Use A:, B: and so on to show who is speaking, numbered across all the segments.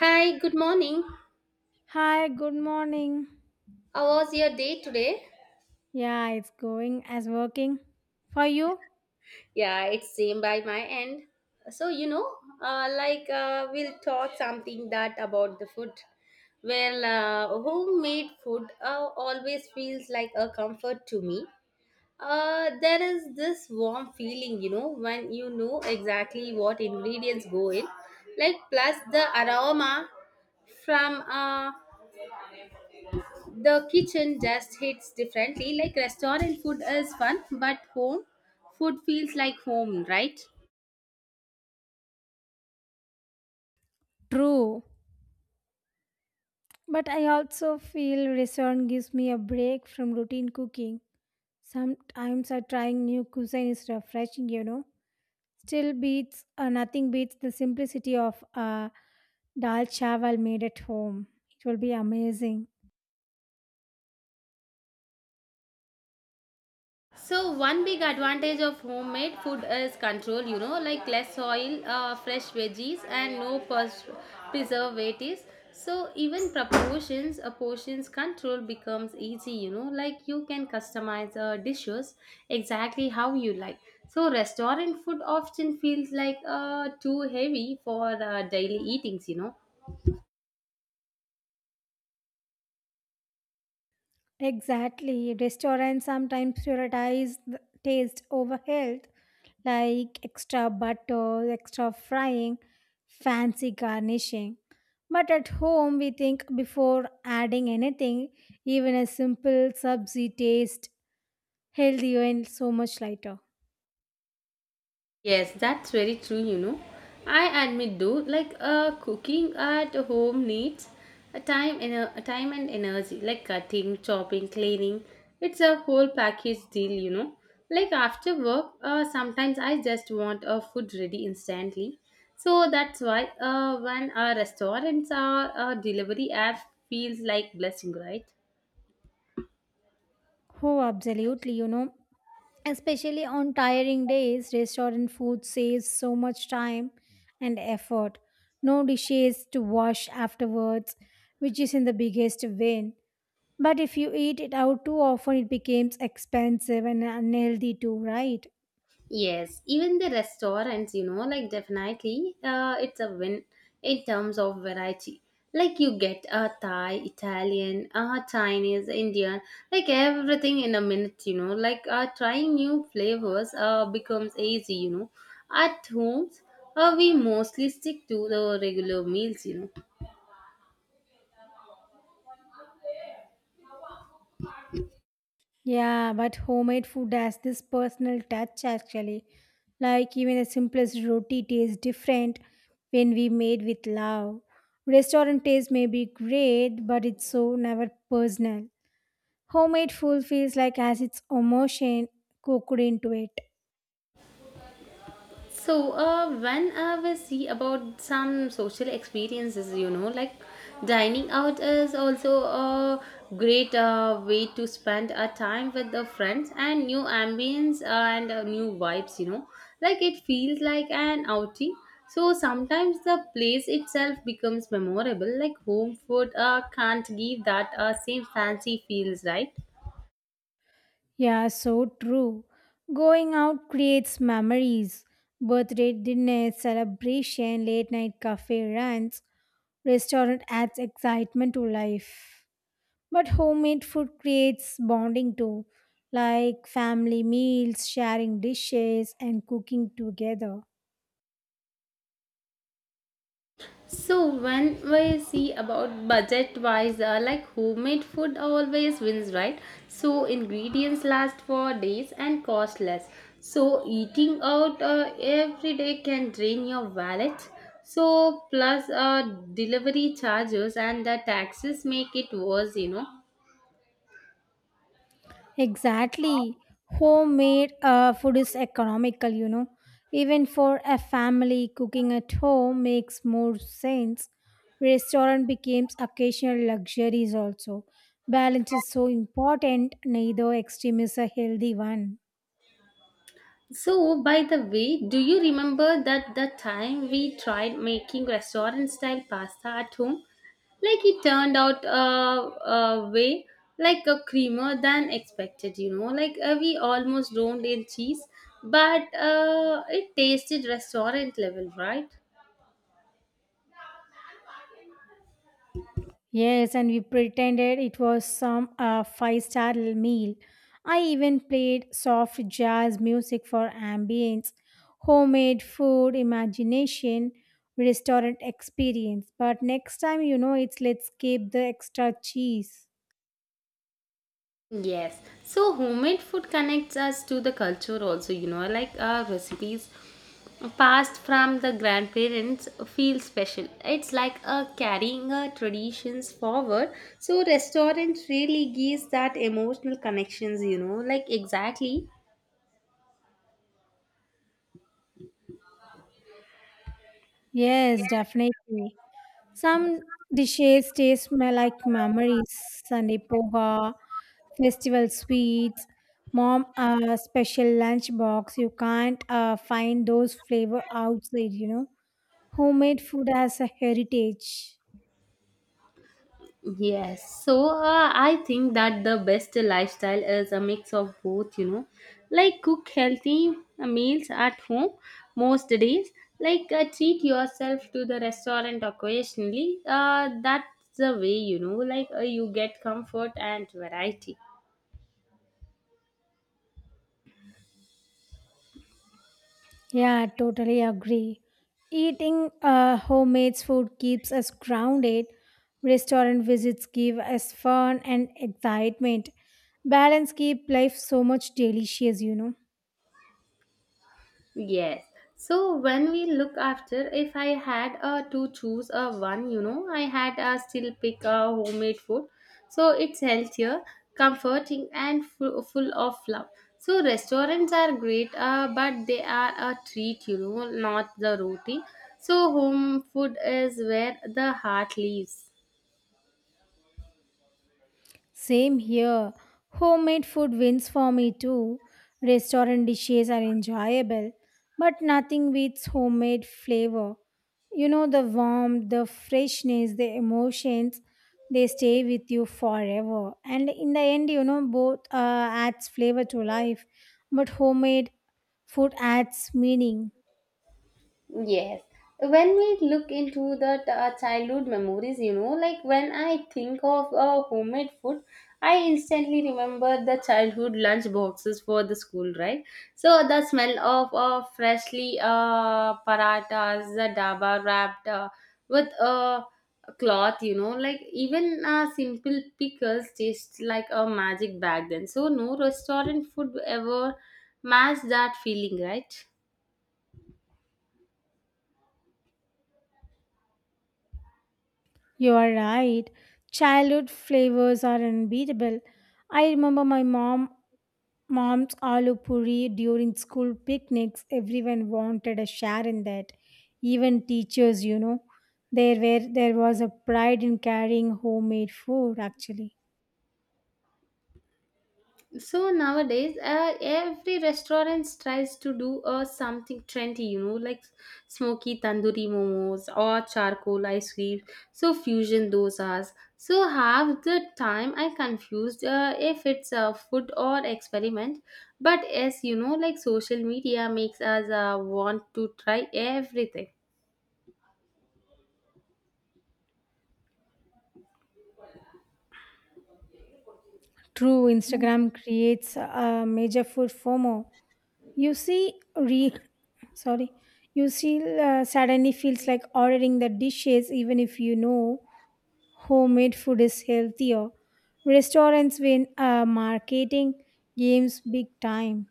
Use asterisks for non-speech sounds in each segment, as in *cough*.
A: Hi, good morning.
B: Hi, good morning.
A: How was your day today?
B: Yeah, it's going as working for you.
A: Yeah, it's same by my end. So you know, we'll talk something that about the food. Homemade food always feels like a comfort to me. There is this warm feeling, you know, when you know exactly what ingredients go in, like plus the aroma from The kitchen just hits differently. Like restaurant food is fun, but home food feels like home, right?
B: True. But I also feel restaurant gives me a break from routine cooking. Sometimes I trying new cuisine is refreshing, you know. Still beats nothing beats the simplicity of dal chawal made at home. It will be amazing.
A: So one big advantage of homemade food is control, you know, like less oil, fresh veggies and no preservatives. So even portions control becomes easy, you know, like you can customize dishes exactly how you like. So restaurant food often feels like too heavy for daily eatings, you know.
B: Exactly. Restaurants sometimes prioritize the taste over health. Like extra butter, extra frying, fancy garnishing. But at home, we think before adding anything, even a simple subzi taste healthier and so much lighter.
A: Yes, that's very true, you know. I admit though, like cooking at home needs a time and energy, like cutting, chopping, cleaning. It's a whole package deal, you know. Like after work, sometimes I just want a food ready instantly. So that's why when our restaurants or delivery app feels like blessing, right?
B: Oh, absolutely, you know. Especially on tiring days, restaurant food saves so much time and effort. No dishes to wash afterwards, which is in the biggest win. But if you eat it out too often, it becomes expensive and unhealthy too, right?
A: Yes, even the restaurants, you know, like definitely it's a win in terms of variety. Like you get a Thai, Italian, Chinese, Indian, like everything in a minute, you know. Trying new flavors becomes easy, you know. At homes, we mostly stick to the regular meals, you know.
B: Yeah, but homemade food has this personal touch actually. Like even the simplest roti tastes different when we made with love. Restaurant taste may be great, but it's so never personal. Homemade food feels like has its emotion cooked into it.
A: So, whenever we see about some social experiences, you know, like dining out is also a great way to spend a time with the friends and new ambience and new vibes, you know, like it feels like an outing. So sometimes the place itself becomes memorable, like home food can't give that same fancy feels, right?
B: Yeah, so true. Going out creates memories. Birthday dinners, celebration, late night cafe runs, restaurant adds excitement to life. But homemade food creates bonding too, like family meals, sharing dishes, and cooking together.
A: So when we see about budget wise, like homemade food always wins, right? So ingredients last for days and cost less. So eating out every day can drain your wallet. So plus delivery charges and the taxes make it worse, you know.
B: Exactly. Homemade food is economical, you know. Even for a family, cooking at home makes more sense. Restaurant becomes occasional luxuries also. Balance is so important, neither extreme is a healthy one.
A: So, by the way, do you remember that the time we tried making restaurant style pasta at home? Like it turned out way like a creamer than expected, you know. We almost drowned in cheese, but it tasted restaurant level, right?
B: Yes, and we pretended it was some five-star meal. I even played soft jazz music for ambience, homemade food, imagination, restaurant experience. But next time, you know, it's let's keep the extra cheese.
A: Yes. So homemade food connects us to the culture also, you know, like our recipes passed from the grandparents feel special. It's like a carrying our traditions forward. So restaurant really gives that emotional connections, you know, like exactly.
B: Yes, definitely. Some dishes taste smell like memories, Sunday poha, festival sweets, mom special lunch box. You can't find those flavor outside, you know. Homemade food has a heritage.
A: Yes, so I think that the best lifestyle is a mix of both, you know, like cook healthy meals at home most days, like treat yourself to the restaurant occasionally. That's the way, you know, like you get comfort and variety.
B: Yeah, totally agree. Eating homemade food keeps us grounded. Restaurant visits give us fun and excitement. Balance keep life so much delicious, you know.
A: Yes. So when we look after, if I had to choose a one, you know, I had still pick a homemade food. So it's healthier, comforting, and full of love. So restaurants are great, but they are a treat, you know, not the routine. So home food is where the heart lives.
B: Same here. Homemade food wins for me too. Restaurant dishes are enjoyable, but nothing beats homemade flavor. You know, the warmth, the freshness, the emotions, they stay with you forever. And in the end, you know, both adds flavor to life, but homemade food adds meaning.
A: Yes. When we look into the childhood memories, you know, like when I think of homemade food, I instantly remember the childhood lunch boxes for the school, right? So the smell of freshly paratas, the daba wrapped with a cloth, you know, like even simple pickles taste like a magic back then. So no restaurant food ever matched that feeling, right?
B: You are right. Childhood flavors are unbeatable. I remember my mom Mom's aloo puri during school picnics, everyone wanted a share in that. Even teachers, you know, there was a pride in carrying homemade food. Actually,
A: So nowadays every restaurant tries to do something trendy, you know, like smoky tandoori momos or charcoal ice cream, so fusion dosas. So half the time I confused if it's a food or experiment. But as you know, like social media makes us want to try everything.
B: true. Instagram creates a major food FOMO. You see, re *coughs* sorry, you see, suddenly feels like ordering the dishes, even if you know homemade food is healthier. Restaurants win marketing games big time.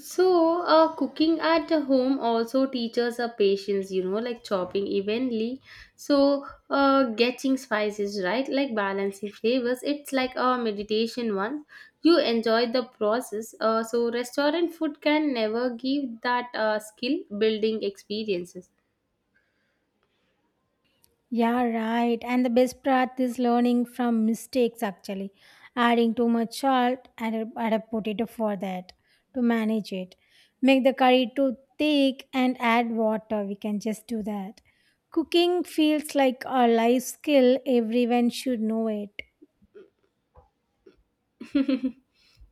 A: So, cooking at the home also teaches a patience, you know, like chopping evenly. So, getting spices right, like balancing flavors, it's like a meditation one. You enjoy the process. So, restaurant food can never give that skill building experiences.
B: Yeah, right. And the best part is learning from mistakes actually. Adding too much salt, add a potato for that to manage it. Make the curry too thick and add water. We can just do that. Cooking feels like a life skill, everyone should know it.
A: *laughs*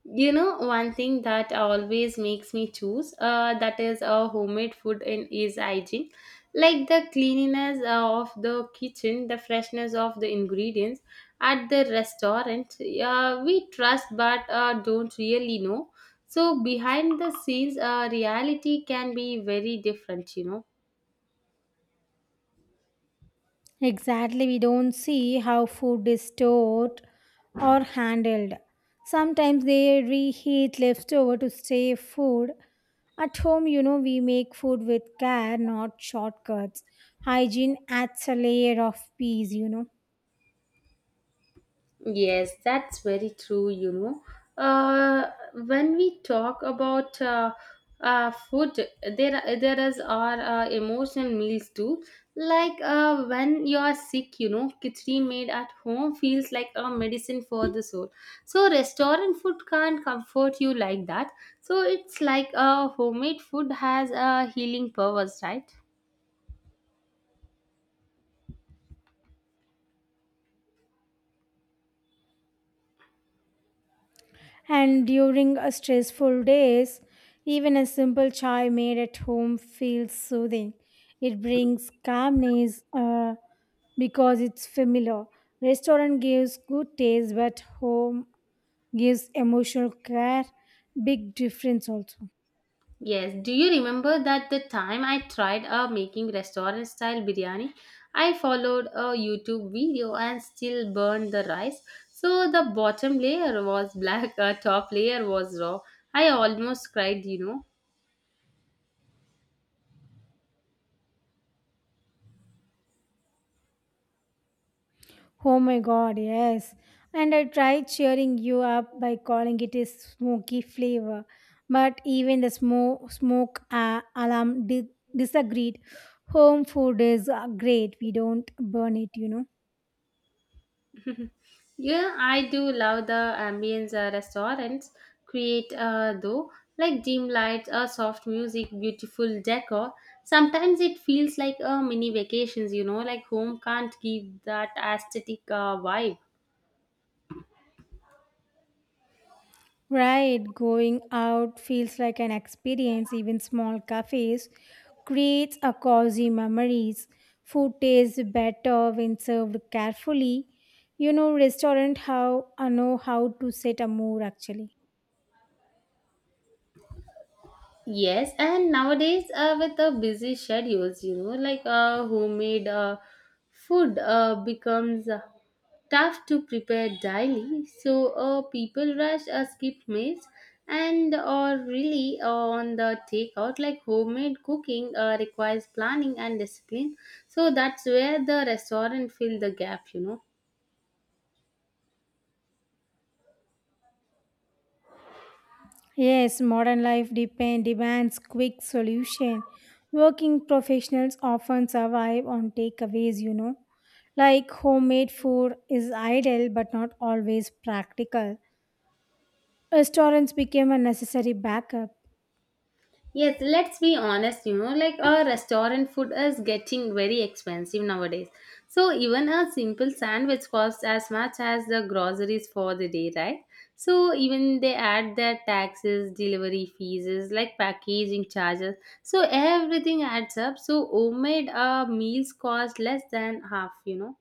A: You know, one thing that always makes me choose that is homemade food and is hygiene. Like the cleanliness of the kitchen, the freshness of the ingredients at the restaurant, we trust but don't really know. So, behind the scenes, reality can be very different, you know.
B: Exactly, we don't see how food is stored or handled. Sometimes they reheat leftover to save food. At home, you know, we make food with care, not shortcuts. Hygiene adds a layer of peace, you know.
A: Yes, that's very true, you know. Uh, when we talk about food, there is our emotional meals too. Like when you are sick, you know, khichdi made at home feels like a medicine for the soul. So restaurant food can't comfort you like that. So it's like homemade food has a healing powers, right?
B: And during a stressful days, even a simple chai made at home feels soothing. It brings calmness because it's familiar. Restaurant gives good taste, but home gives emotional care, big difference also.
A: Yes, do you remember that the time I tried making restaurant style biryani? I followed a YouTube video and still burned the rice. So the bottom layer was black, *laughs* top layer was raw. I almost cried, you know.
B: Oh my god, yes. And I tried cheering you up by calling it a smoky flavor, but even the smoke disagreed. Home food is great, we don't burn it, you know.
A: Yeah, I do love the ambience restaurants create though, like dim lights, soft music, beautiful decor. Sometimes it feels like a mini vacations, you know, like home can't give that aesthetic vibe.
B: Right, going out feels like an experience. Even small cafes creates a cozy memories. Food tastes better when served carefully. You know, restaurant how I know how to set a mood actually.
A: Yes, and nowadays with the busy schedules, you know, like homemade food becomes tough to prepare daily. So people rush skip meals and or really on the takeout. Like homemade cooking requires planning and discipline. So that's where the restaurant fill the gap, you know.
B: Yes, modern life depend demands quick solution. Working professionals often survive on takeaways. You know, like homemade food is ideal but not always practical. Restaurants became a necessary backup.
A: Yes, let's be honest, you know, like our restaurant food is getting very expensive nowadays. So even a simple sandwich costs as much as the groceries for the day, right? So even they add their taxes, delivery fees, is like packaging charges. So everything adds up. So homemade meals cost less than half, you know.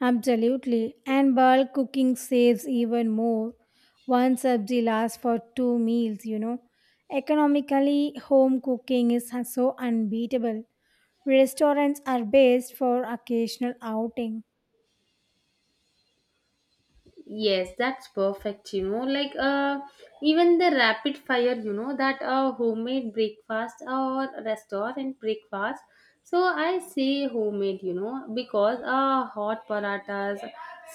B: Absolutely. And bulk cooking saves even more. One sabzi lasts for two meals, you know. Economically, home cooking is so unbeatable. Restaurants are best for occasional outing.
A: Yes, that's perfect, you know. Like even the rapid fire, you know, that homemade breakfast or restaurant breakfast. So I say homemade, you know, because hot paratas,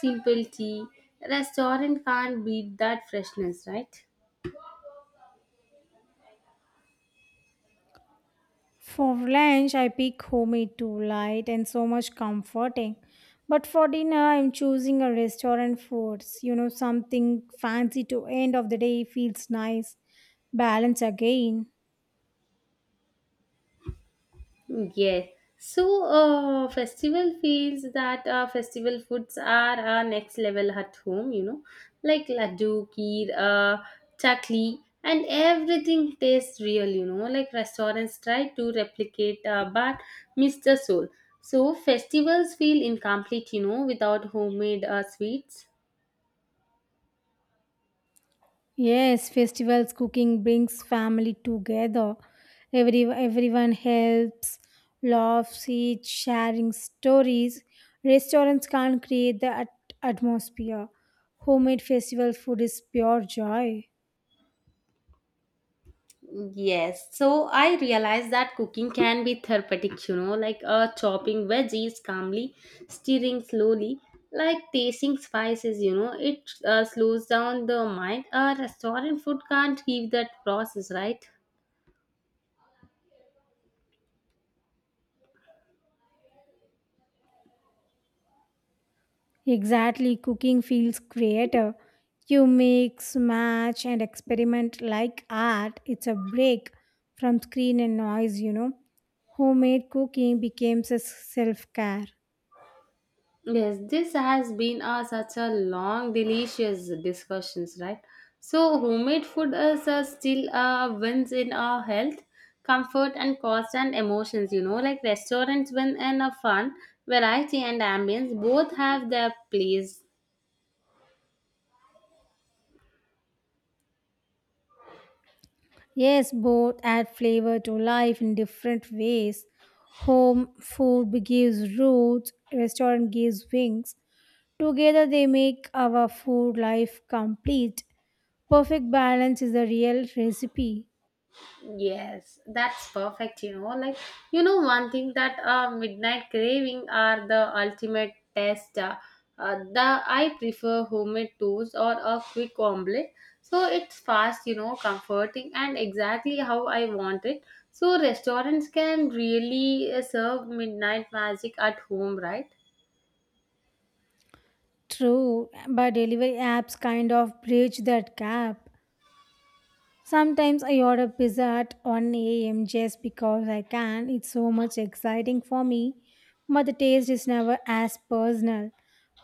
A: simple tea, restaurant can't beat that freshness, right?
B: For lunch, I pick homemade too light and so much comforting. But for dinner, I'm choosing a restaurant foods. You know, something fancy to end of the day feels nice. Balance again.
A: Yes. So, festival feels that festival foods are next level at home, you know, like laddu, kheer, chakli, and everything tastes real, you know, like restaurants try to replicate but miss the soul. So, festivals feel incomplete, you know, without homemade sweets.
B: Yes, festivals cooking brings family together. Everyone helps, laughs, eats, sharing stories. Restaurants can't create the atmosphere. Homemade festival food is pure joy.
A: Yes, so I realized that cooking can be therapeutic, you know, like chopping veggies calmly, stirring slowly, like tasting spices, you know, it slows down the mind. Restaurant food can't give that process, right?
B: Exactly, cooking feels creative. You mix, match, and experiment like art. It's a break from screen and noise, you know. Homemade cooking becomes a self care.
A: Yes, this has been such a long, delicious discussions, right? So, homemade food is still wins in our health, comfort, and cost and emotions. You know, like restaurants win in a fun, variety, and ambience. Both have their place.
B: Yes, both add flavor to life in different ways. Home food gives roots, restaurant gives wings. Together they make our food life complete. Perfect balance is the real recipe.
A: Yes, that's perfect. You know, one thing that midnight craving are the ultimate test. The I prefer homemade toast or a quick omelette, so it's fast, you know, comforting, and exactly how I want it. So restaurants can really serve midnight magic at home, right?
B: True, but delivery apps kind of bridge that gap. Sometimes I order pizza at 1 a.m. just because I can. It's so much exciting for me, but the taste is never as personal.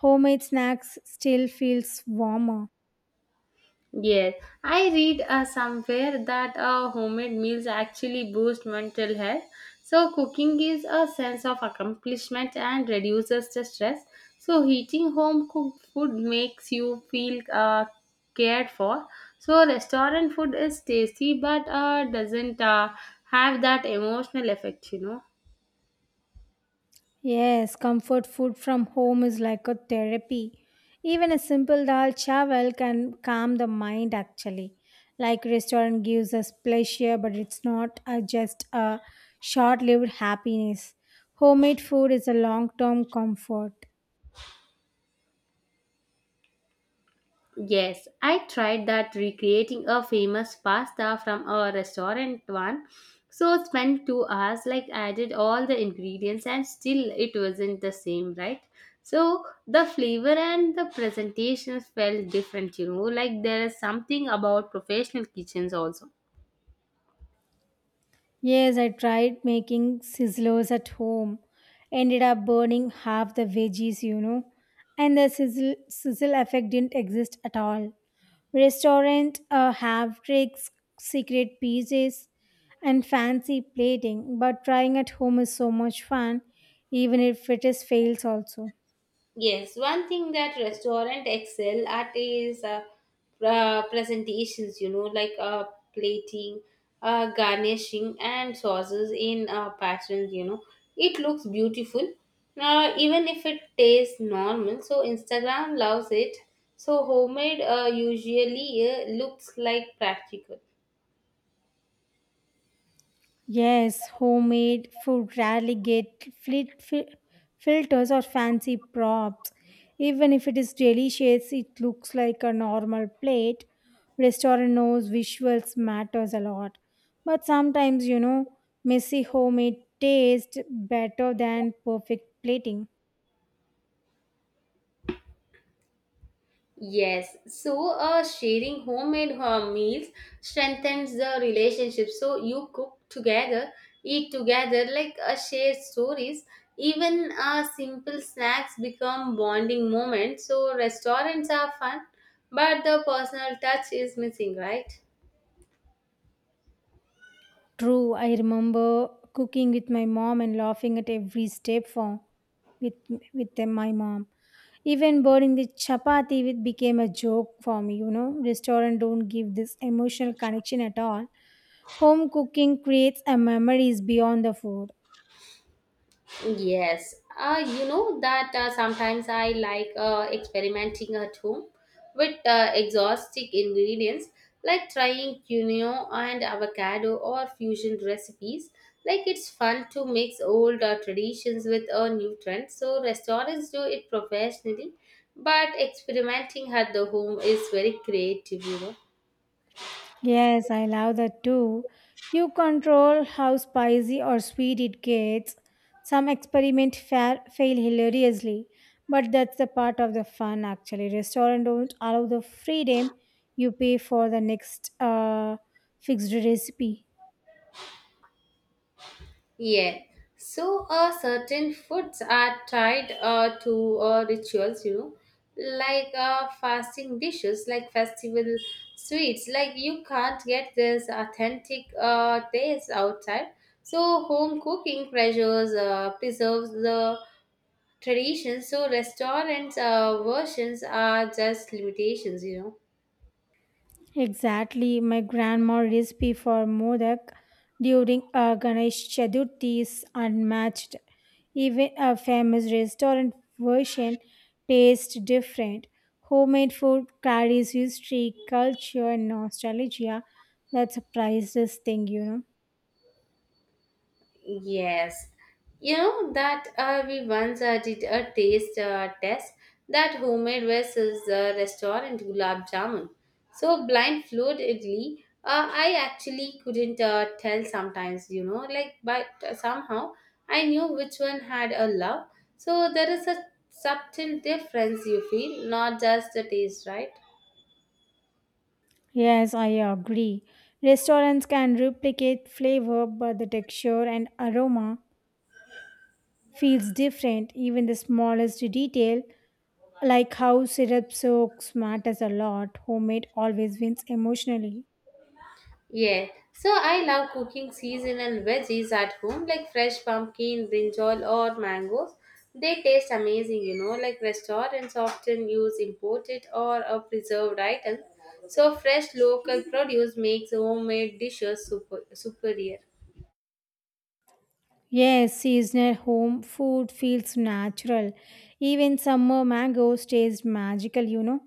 B: Homemade snacks still feels warmer.
A: Yes, I read somewhere that homemade meals actually boost mental health. So, cooking gives a sense of accomplishment and reduces the stress. So, eating home cooked food makes you feel cared for. So, restaurant food is tasty but doesn't have that emotional effect, you know.
B: Yes, comfort food from home is like a therapy. Even a simple dal chawal can calm the mind actually. Like restaurant gives us pleasure, but it's not a, just a short-lived happiness. Homemade food is a long-term comfort.
A: Yes, I tried that recreating a famous pasta from a restaurant one. So spent 2 hours, like added all the ingredients and still it wasn't the same, right? So the flavor and the presentation felt different, you know, like there is something about professional kitchens also.
B: Yes, I tried making sizzlers at home. Ended up burning half the veggies, you know. And the sizzle effect didn't exist at all. Restaurant have tricks, secret pieces, and fancy plating, but trying at home is so much fun, even if it is fails also.
A: Yes, one thing that restaurant excel at is presentations, you know, like plating, garnishing, and sauces in patterns, you know. It looks beautiful, even if it tastes normal. So, Instagram loves it. So, homemade usually looks like practical.
B: Yes, homemade food rarely get filters or fancy props. Even if it is delicious, it looks like a normal plate. Restaurant knows visuals matters a lot. But sometimes, you know, messy homemade taste better than perfect plating.
A: Yes, so sharing homemade meals strengthens the relationship. So you cook together, eat together, like share stories. Even simple snacks become bonding moments. So restaurants are fun, but the personal touch is missing, right?
B: True, I remember cooking with my mom and laughing at every step, for with with them, my mom. Even burning the chapati it became a joke for me, you know. Restaurant don't give this emotional connection at all. Home cooking creates a memories beyond the food.
A: Yes, you know that sometimes I like experimenting at home with exotic ingredients like trying quinoa and avocado or fusion recipes. Like it's fun to mix old traditions with a new trend. So restaurants do it professionally, but experimenting at the home is very creative, you know.
B: Yes, I love that too. You control how spicy or sweet it gets. Some experiment fail hilariously, but that's the part of the fun actually. Restaurant don't allow the freedom, you pay for the next fixed recipe.
A: Yeah. So, certain foods are tied to rituals, you know, like fasting dishes, like festival sweets. Like, you can't get this authentic taste outside. So, home cooking pressures preserves the tradition. So, restaurants' versions are just limitations, you know.
B: Exactly, my grandma recipe for modak during Ganesh Chaturthi is unmatched. Even a famous restaurant version tastes different. Homemade food carries history, culture, and nostalgia. That's a priceless thing, you know.
A: Yes, you know that we once did a taste test that homemade versus the restaurant gulab jamun. So blind fluidly, I actually couldn't tell sometimes, you know, like but somehow I knew which one had a love. So there is a subtle difference you feel, not just the taste, right?
B: Yes, I agree. Restaurants can replicate flavor, but the texture and aroma feels different. Even the smallest detail, like how syrup soaks matters a lot, homemade always wins emotionally.
A: Yeah, so I love cooking seasonal veggies at home, like fresh pumpkin, brinjal, or mangoes. They taste amazing, you know, like restaurants often use imported or preserved items. So, fresh local produce makes homemade dishes superior.
B: Yes, seasonal home food feels natural. Even summer mangoes taste magical, you know.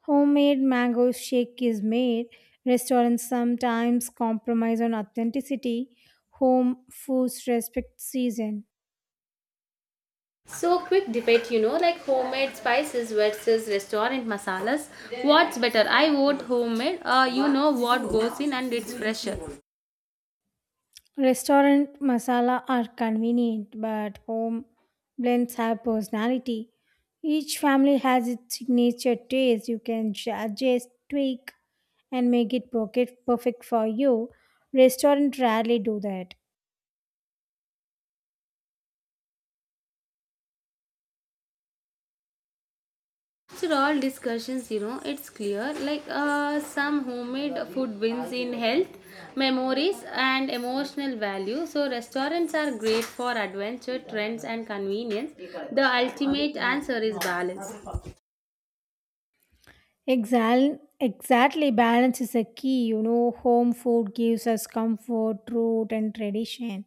B: Homemade mango shake is made. Restaurants sometimes compromise on authenticity. Home foods respect season.
A: So, quick debate, you know, like homemade spices versus restaurant masalas. What's better? I vote homemade, you know what goes in and it's fresher.
B: Restaurant masala are convenient, but home blends have personality. Each family has its signature taste. You can adjust, tweak, and make it perfect for you. Restaurant rarely do that.
A: After all discussions, you know, it's clear like some homemade food wins in health, memories, and emotional value. So, restaurants are great for adventure, trends, and convenience. The ultimate answer is balance.
B: Exactly, exactly. Balance is a key. You know, home food gives us comfort, root, and tradition.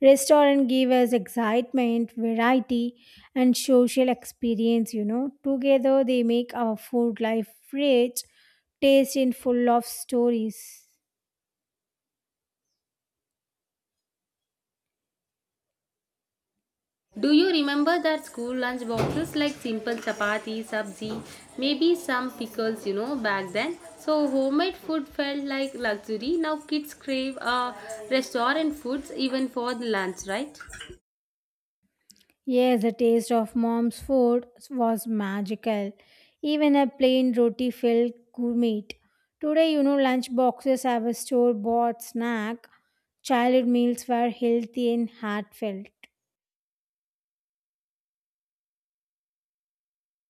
B: Restaurant give us excitement, variety, and social experience. You know, together they make our food life rich, tasty, and full of stories.
A: Do you remember that school lunch boxes like simple chapati, sabzi, maybe some pickles, you know, back then? So, homemade food felt like luxury. Now, kids crave restaurant foods even for the lunch, right?
B: Yes, the taste of mom's food was magical. Even a plain roti felt gourmet. Today, you know, lunch boxes have a store bought snack. Childhood meals were healthy and heartfelt.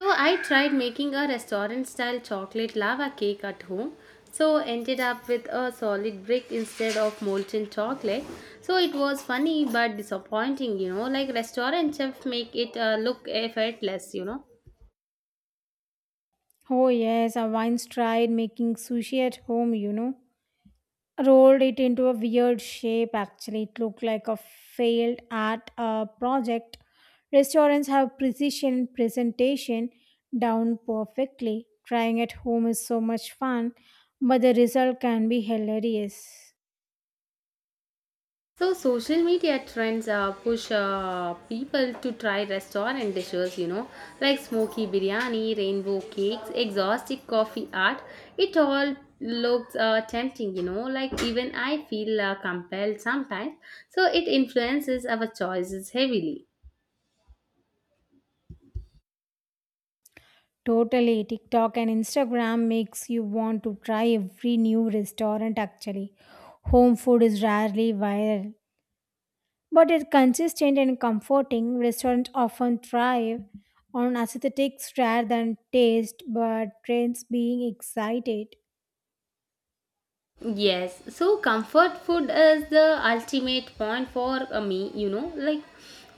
A: So I tried making a restaurant style chocolate lava cake at home. So ended up with a solid brick instead of molten chocolate. So it was funny but disappointing, you know, like restaurant chefs make it look effortless, you know.
B: Oh, yes, I once tried making sushi at home, you know. Rolled it into a weird shape actually, it looked like a failed art project. Restaurants have precision presentation down perfectly, trying at home is so much fun, but the result can be hilarious.
A: So social media trends push people to try restaurant dishes, you know, like smoky biryani, rainbow cakes, exotic coffee art. It all looks tempting, you know, like even I feel compelled sometimes. So it influences our choices heavily.
B: Totally, TikTok and Instagram makes you want to try every new restaurant actually. Home food is rarely viral, but a consistent and comforting restaurant often thrive on aesthetics rather than taste, but trends being excited.
A: Yes, so comfort food is the ultimate point for me, you know, like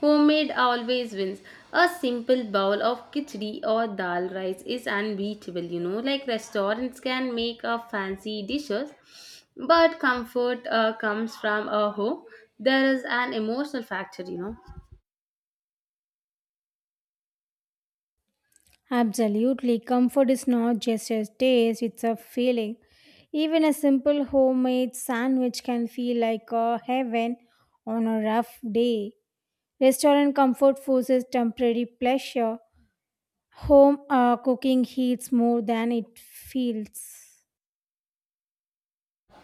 A: homemade always wins. A simple bowl of khichdi or dal rice is unbeatable, you know, like restaurants can make a fancy dishes, but comfort comes from a home. There is an emotional factor, you know.
B: Absolutely, comfort is not just a taste, it's a feeling. Even a simple homemade sandwich can feel like a heaven on a rough day. Restaurant comfort forces temporary pleasure. Home cooking heats more than it feels.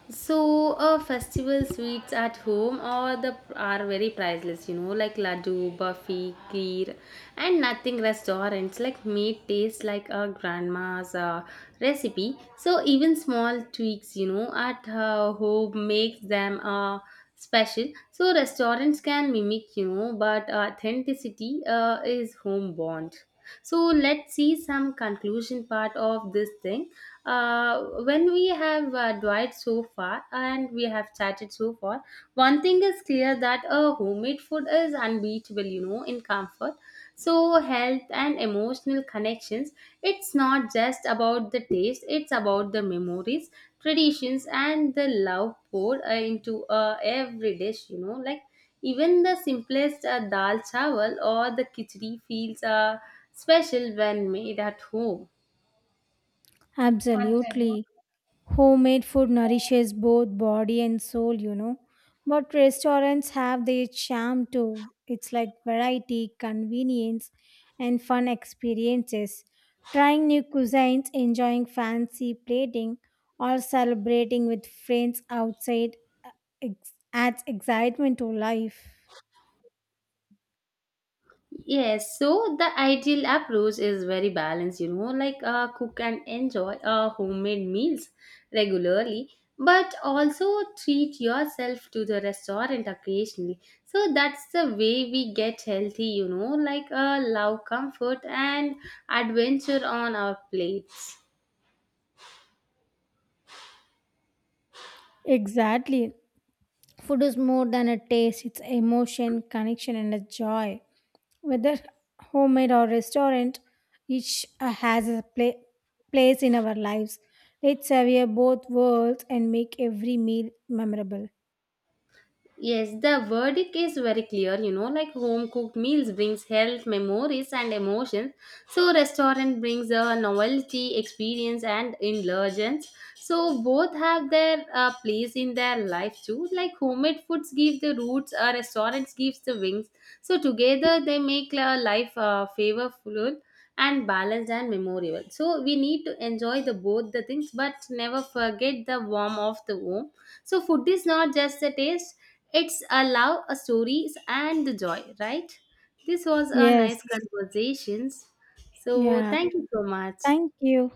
A: So, festival sweets at home are very priceless. You know, like laddu, burfi, kheer, and nothing restaurants like made taste like a grandma's recipe. So even small tweaks, you know, at her home makes them special. So restaurants can mimic, you know, but authenticity is home bond. So let's see some conclusion part of this thing. When we have dwelt so far and we have chatted so far, one thing is clear that a homemade food is unbeatable, you know, in comfort. So health and emotional connections, it's not just about the taste, it's about the memories, traditions, and the love poured into every dish, you know, like even the simplest dal chawal or the khichdi feels special when made at home.
B: Absolutely. Homemade food nourishes both body and soul, you know. But restaurants have their charm too. It's like variety, convenience, and fun experiences. Trying new cuisines, enjoying fancy plating, or celebrating with friends outside adds excitement to life.
A: Yes, so the ideal approach is very balanced, you know, like cook and enjoy homemade meals regularly, but also treat yourself to the restaurant occasionally. So that's the way we get healthy, you know, like love comfort and adventure on our plates.
B: Exactly. Food is more than a taste, it's emotion, connection, and a joy. Whether homemade or restaurant, each has a place in our lives. Let's savor both worlds and make every meal memorable.
A: Yes, the verdict is very clear. You know, like home cooked meals brings health, memories, and emotions. So restaurant brings a novelty, experience, and indulgence. So both have their place in their life too. Like homemade foods give the roots, restaurants gives the wings. So together they make life flavorful and balanced and memorable. So we need to enjoy the both the things, but never forget the warmth of the home. So food is not just a taste; it's a love, a stories, and the joy. Right? This was a
B: Yes.
A: nice conversations. So
B: Yeah.
A: thank you so much.
B: Thank you.